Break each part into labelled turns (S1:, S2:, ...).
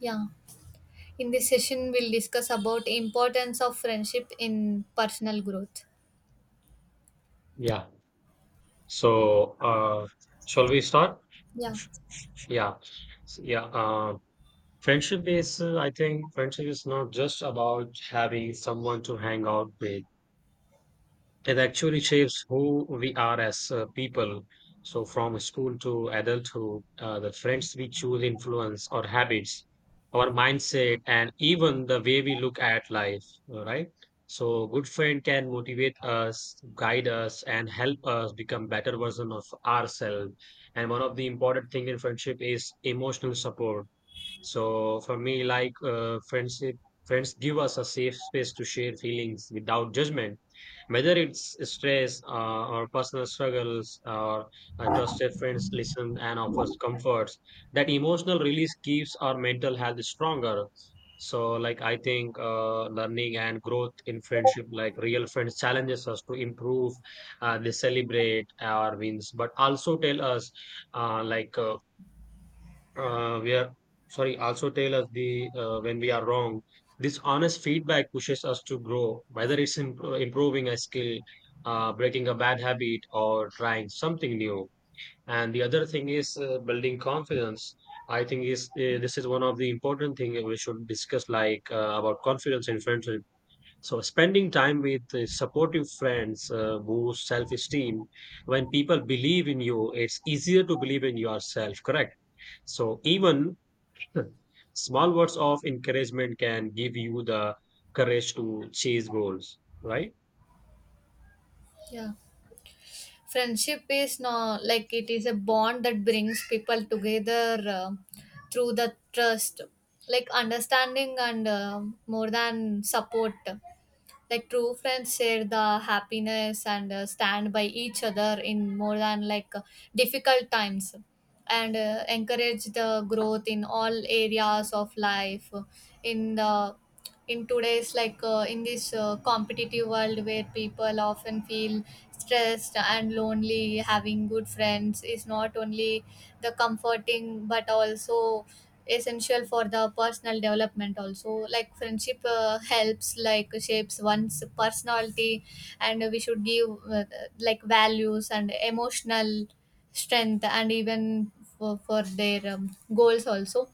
S1: Yeah. In this session, we'll discuss about importance of friendship in personal growth.
S2: Yeah. So, uh, shall we start?
S1: Yeah.
S2: Yeah. S- Yeah. Uh, Friendship is, I think, friendship is not just about having someone to hang out with. It actually shapes who we are as people. So, from school to adulthood, the friends we choose influence our habits, our mindset, and even the way we look at life. All right. So, good friend can motivate us, guide us, and help us become better version of ourselves. And one of the important thing in friendship is emotional support, so for me, friendship, friends give us a safe space to share feelings without judgment, whether it's stress or personal struggles. Or trusted friends listen and offers comforts. That emotional release keeps our mental health stronger. So, like I think, learning and growth in friendship, like real friends, challenges us to improve. They celebrate our wins, but also tell us, uh, like. Uh, we are sorry, also tell us the when we are wrong. This honest feedback pushes us to grow, whether it's improving a skill, breaking a bad habit, or trying something new. And the other thing is building confidence. I think is this is one of the important thing that we should discuss, about confidence in friendship. So spending time with supportive friends boosts self-esteem. When people believe in you, it's easier to believe in yourself, correct? So even small words of encouragement can give you the courage to chase goals, right?
S1: Yeah. Friendship is not like it is a bond that brings people together through the trust, like understanding and more than support, like true friends share the happiness and stand by each other in more than difficult times and encourage the growth in all areas of life in the in today's in this competitive world where people often feel stressed and lonely, having good friends is not only the comforting but also essential for the personal development also. Like friendship helps like shapes one's personality, and we should give like values and emotional strength and even for their goals also.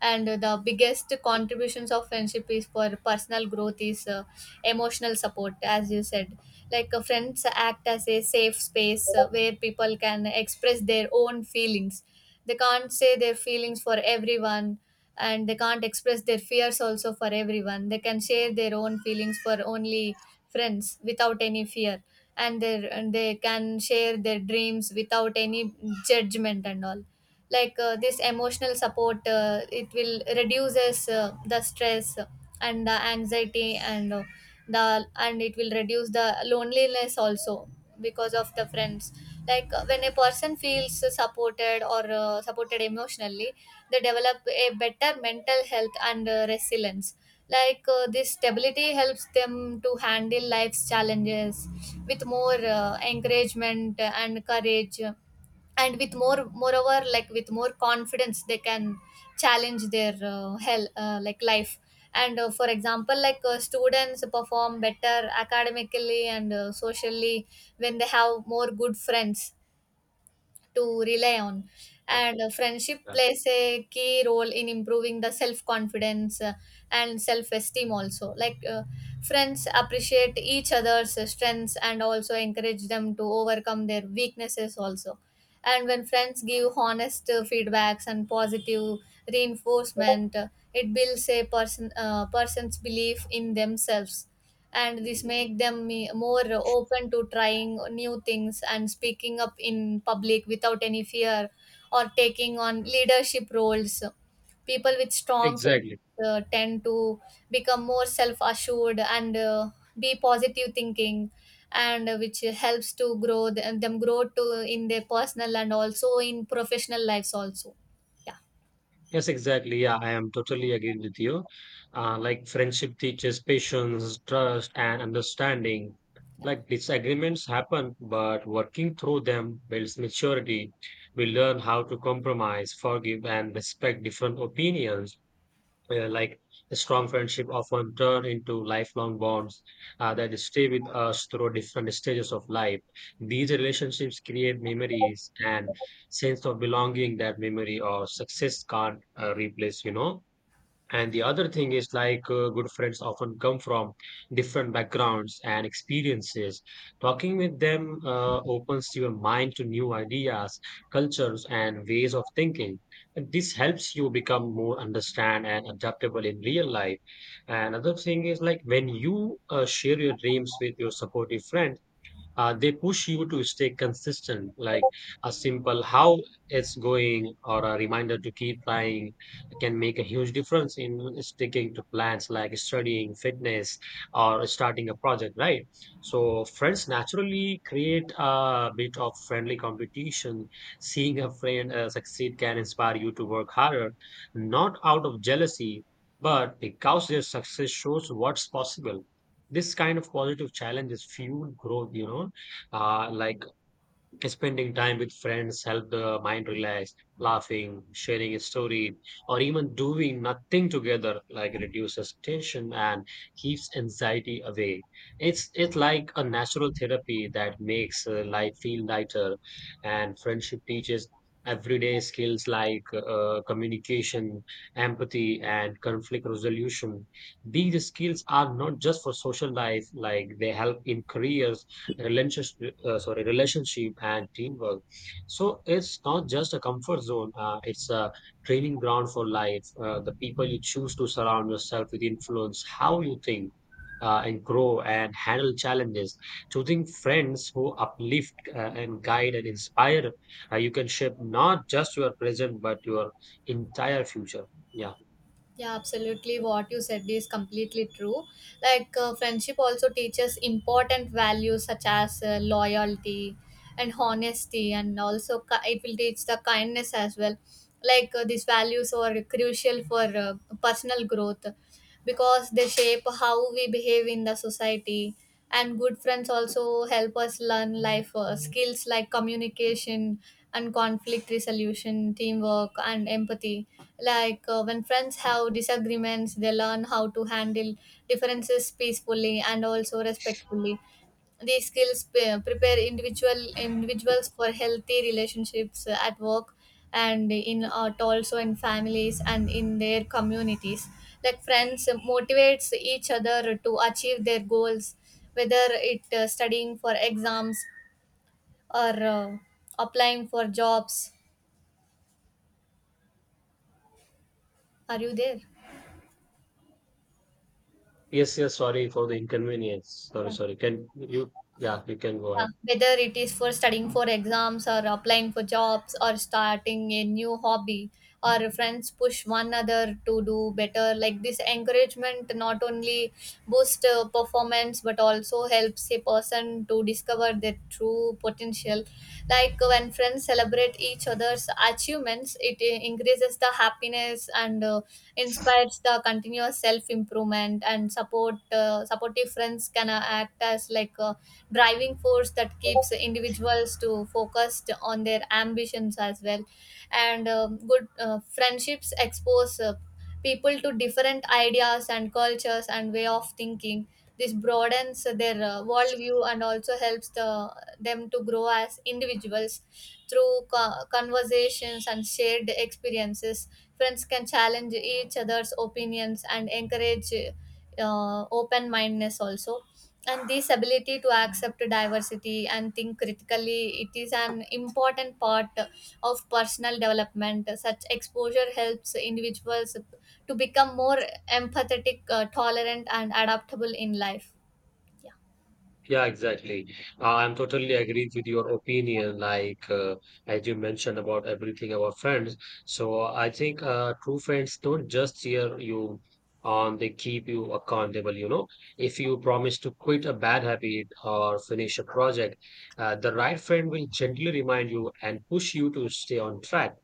S1: And the biggest contributions of friendship is for personal growth is emotional support, as you said. Like friends act as a safe space where people can express their own feelings. They can't say their feelings for everyone, and they can't express their fears also for everyone. They can share their own feelings for only friends without any fear, and they can share their dreams without any judgment and all. Like this emotional support, it will reduces the stress and the anxiety and it will reduce the loneliness also because of the friends. Like when a person feels supported emotionally, they develop a better mental health and resilience. Like this stability helps them to handle life's challenges with more encouragement and courage. And with moreover like with more confidence they can challenge their hell like life. And for example students perform better academically and socially when they have more good friends to rely on.
S2: Yeah,
S1: And friendship
S2: yeah.
S1: plays a key role in improving the self confidence and self esteem also. Like friends appreciate each other's strengths and also encourage them to overcome their weaknesses also. And when friends give honest feedbacks and positive reinforcement, it builds a person's belief in themselves, and this make them more open to trying new things and speaking up in public without any fear or taking on leadership roles. People with strong faith
S2: Exactly.
S1: tend to become more self assured and be positive thinking, and which helps to grow th- them grow to in their personal and also in professional lives also. Yeah.
S2: Yes, exactly. Yeah, I am totally agree with you. Like friendship teaches patience, trust, and understanding.
S1: Yeah.
S2: Like disagreements happen, but working through them builds maturity. We learn how to compromise, forgive, and respect different opinions. Like a strong friendship often turn into lifelong bonds that stay with us through different stages of life. These relationships create memories and sense of belonging that memory or success can't replace. You know, and the other thing is good friends often come from different backgrounds and experiences. Talking with them opens your mind to new ideas, cultures, and ways of thinking. And this helps you become more understand and adaptable in real life. Another thing is, like, when you share your dreams with your supportive friend, they push you to stay consistent, like a simple how it's going or a reminder to keep trying can make a huge difference in sticking to plans like studying, fitness, or starting a project, right? So, friends naturally create a bit of friendly competition. Seeing a friend succeed can inspire you to work harder, not out of jealousy, but because their success shows what's possible. This kind of positive challenge is fuel growth, you know. Like spending time with friends help the mind relax, laughing, sharing a story, or even doing nothing together, like reduces tension and keeps anxiety away. It's like a natural therapy that makes life feel lighter, and friendship teaches everyday skills like communication, empathy, and conflict resolution. These skills are not just for social life; like they help in careers, relationship, relationship and teamwork. So it's not just a comfort zone. It's a training ground for life. The people you choose to surround yourself with influence how you think and grow and handle challenges. Choosing friends who uplift and guide and inspire. You can shape not just your present but your entire future. Yeah.
S1: Yeah, absolutely. What you said is completely true. Like, friendship also teaches important values such as loyalty and honesty, and also it will teach the kindness as well. Like, these values are crucial for personal growth because they shape how we behave in the society. And good friends also help us learn life skills like communication and conflict resolution, teamwork and empathy. Like when friends have disagreements, they learn how to handle differences peacefully and also respectfully. These skills prepare individuals for healthy relationships at work and in also in families and in their communities. Like friends motivates each other to achieve their goals, whether it studying for exams or applying for jobs. Are you there?
S2: Yes. Yes. Sorry for the inconvenience. Sorry.
S1: Yeah.
S2: Sorry. Can you? Yeah. You can go
S1: Yeah,
S2: ahead.
S1: whether it is for studying for exams or applying for jobs or starting a new hobby, or friends push one another to do better. Like this encouragement not only boosts performance but also helps a person to discover their true potential. Like when friends celebrate each other's achievements, it increases the happiness and inspires the continuous self improvement. And supportive friends can act as like a driving force that keeps individuals to focused on their ambitions as well. And good friendships expose people to different ideas and cultures and way of thinking. This broadens their worldview and also helps them to grow as individuals. Through conversations and shared experiences, friends can challenge each other's opinions and encourage open mindedness also. And this ability to accept diversity and think critically, it is an important part of personal development. Such exposure helps individuals to become more empathetic, tolerant and adaptable in life. Yeah.
S2: Yeah, exactly. I'm totally agreed with your opinion. As you mentioned about everything about friends, so I think true friends don't just cheer you on; they keep you accountable. You know, if you promise to quit a bad habit or finish a project, the right friend will gently remind you and push you to stay on track.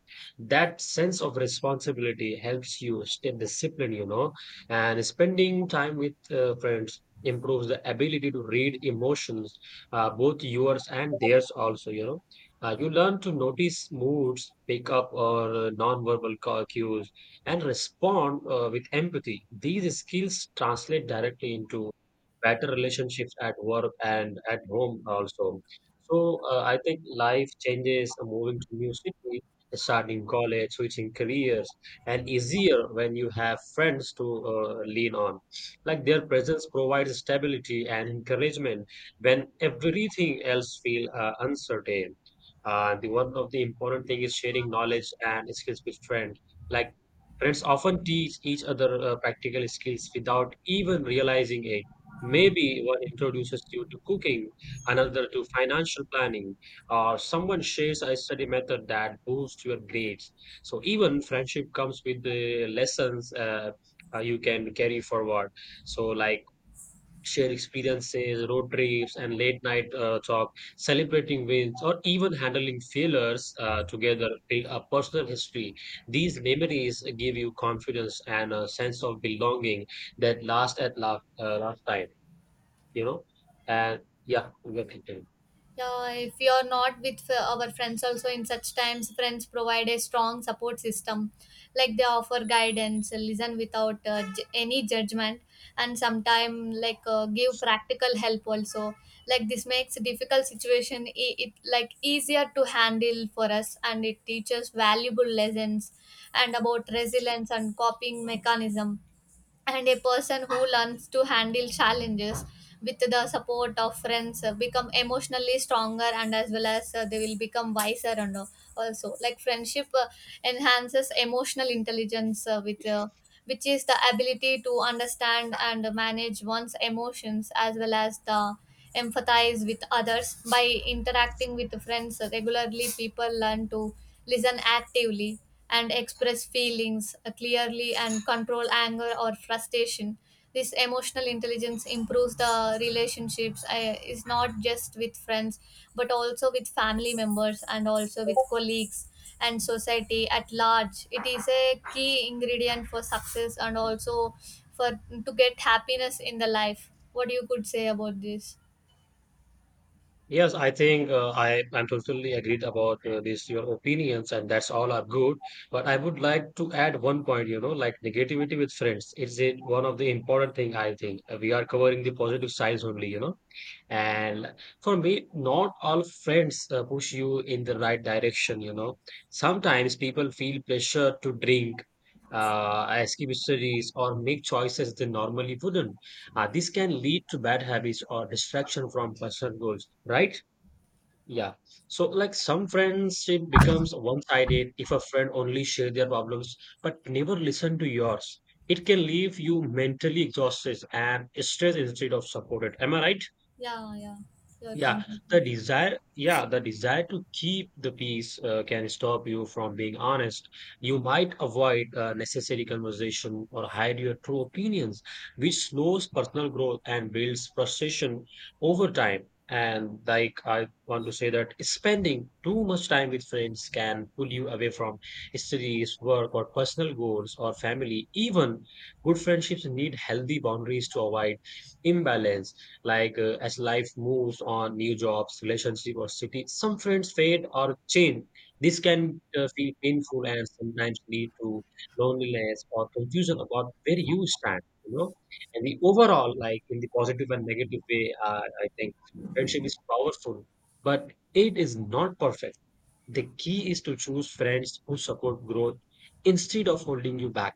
S2: That sense of responsibility helps you stay disciplined. You know, and spending time with friends improves the ability to read emotions, both yours and theirs also, you know. You learn to notice moods, pick up or nonverbal cues, and respond with empathy. These skills translate directly into better relationships at work and at home also. So I think life changes, moving to new city, starting college, switching careers, and easier when you have friends to lean on. Like their presence provides stability and encouragement when everything else feels uncertain. The one of the important thing is sharing knowledge and skills with friends. Like friends often teach each other practical skills without even realizing it. Maybe one introduces you to cooking, another to financial planning, or someone shares a study method that boosts your grades. So even friendship comes with the lessons you can carry forward. So, like share experiences, road trips, and late night talk, celebrating wins, or even handling failures together build a personal history. These memories give you confidence and a sense of belonging that last at last, last time, you know? And yeah, we can
S1: Yeah, if you're not with our friends also in such times, friends provide a strong support system. Like they offer guidance, listen without any judgment, and sometimes give practical help also. Like this makes difficult situation it like easier to handle for us, and it teaches valuable lessons and about resilience and coping mechanism. And a person who learns to handle challenges with the support of friends become emotionally stronger and as well as they will become wiser, and also like friendship enhances emotional intelligence, with which is the ability to understand and manage one's emotions as well as the empathize with others. By interacting with friends regularly, people learn to listen actively and express feelings clearly and control anger or frustration. This emotional intelligence improves the relationships, is not just with friends but also with family members and also with colleagues and society at large. It is a key ingredient for success and also for to get happiness in the life. What you could say about this?
S2: yes, I think I'm totally agreed about this your opinions and that's all are good. But I would like to add one point. You know, like negativity with friends. It's a, one of the important thing I think. We are covering the positive sides only. You know, and for me, not all friends push you in the right direction. You know, sometimes people feel pressure to drink, escape histories, or make choices they normally wouldn't. This can lead to bad habits or distraction from personal goals, right? Yeah. So, like some friendship becomes one sided if a friend only share their problems but never listen to yours. It can leave you mentally exhausted and stressed instead of supported. Am I right?
S1: Yeah, yeah, you're
S2: Yeah, the
S1: completely right.
S2: desire, yeah, the desire to keep the peace can stop you from being honest. You might avoid necessary conversation or hide your true opinions, which slows personal growth and builds frustration over time. And like I want to say that spending too much time with friends can pull you away from studies, work, or personal goals or family. Even good friendships need healthy boundaries to avoid imbalance. As life moves on, new jobs, relationship or city, some friends fade or change. This can feel painful and sometimes lead to loneliness or confusion about where you stand, you know. And the overall, like, in the positive and negative way, I think friendship is powerful but it is not perfect. The key is to choose friends who support growth instead of holding you back.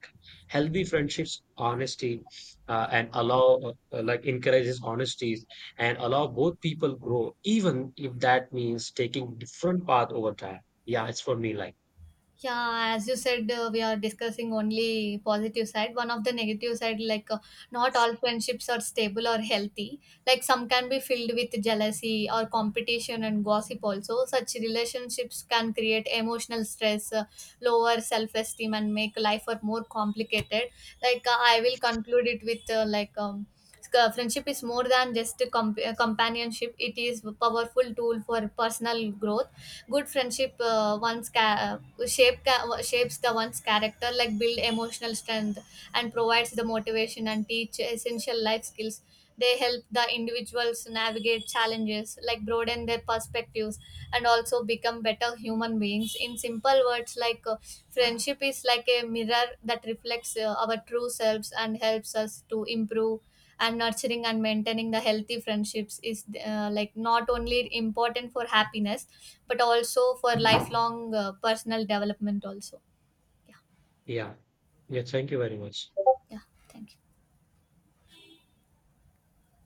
S2: Healthy friendships, honesty, and allow, encourages honesty and allow both people grow, even if that means taking different path over time. Yeah, it's for me. Like,
S1: Yeah, as you said, we are discussing only positive side. One of the negative side, like not all friendships are stable or healthy. Like some can be filled with jealousy or competition and gossip. Also, such relationships can create emotional stress, lower self-esteem, and make life more complicated. I will conclude it with friendship is more than just a companionship. It is a powerful tool for personal growth. Good friendship, one's ca- shape ca- shapes the one's character, like build emotional strength and provides the motivation and teach essential life skills. They help the individuals navigate challenges, like broaden their perspectives and also become better human beings. In simple words, friendship is like a mirror that reflects our true selves and helps us to improve. And nurturing and maintaining the healthy friendships is like not only important for happiness but also for lifelong personal development also. Yeah.
S2: yeah, yeah. Thank you very much.
S1: Yeah, thank you.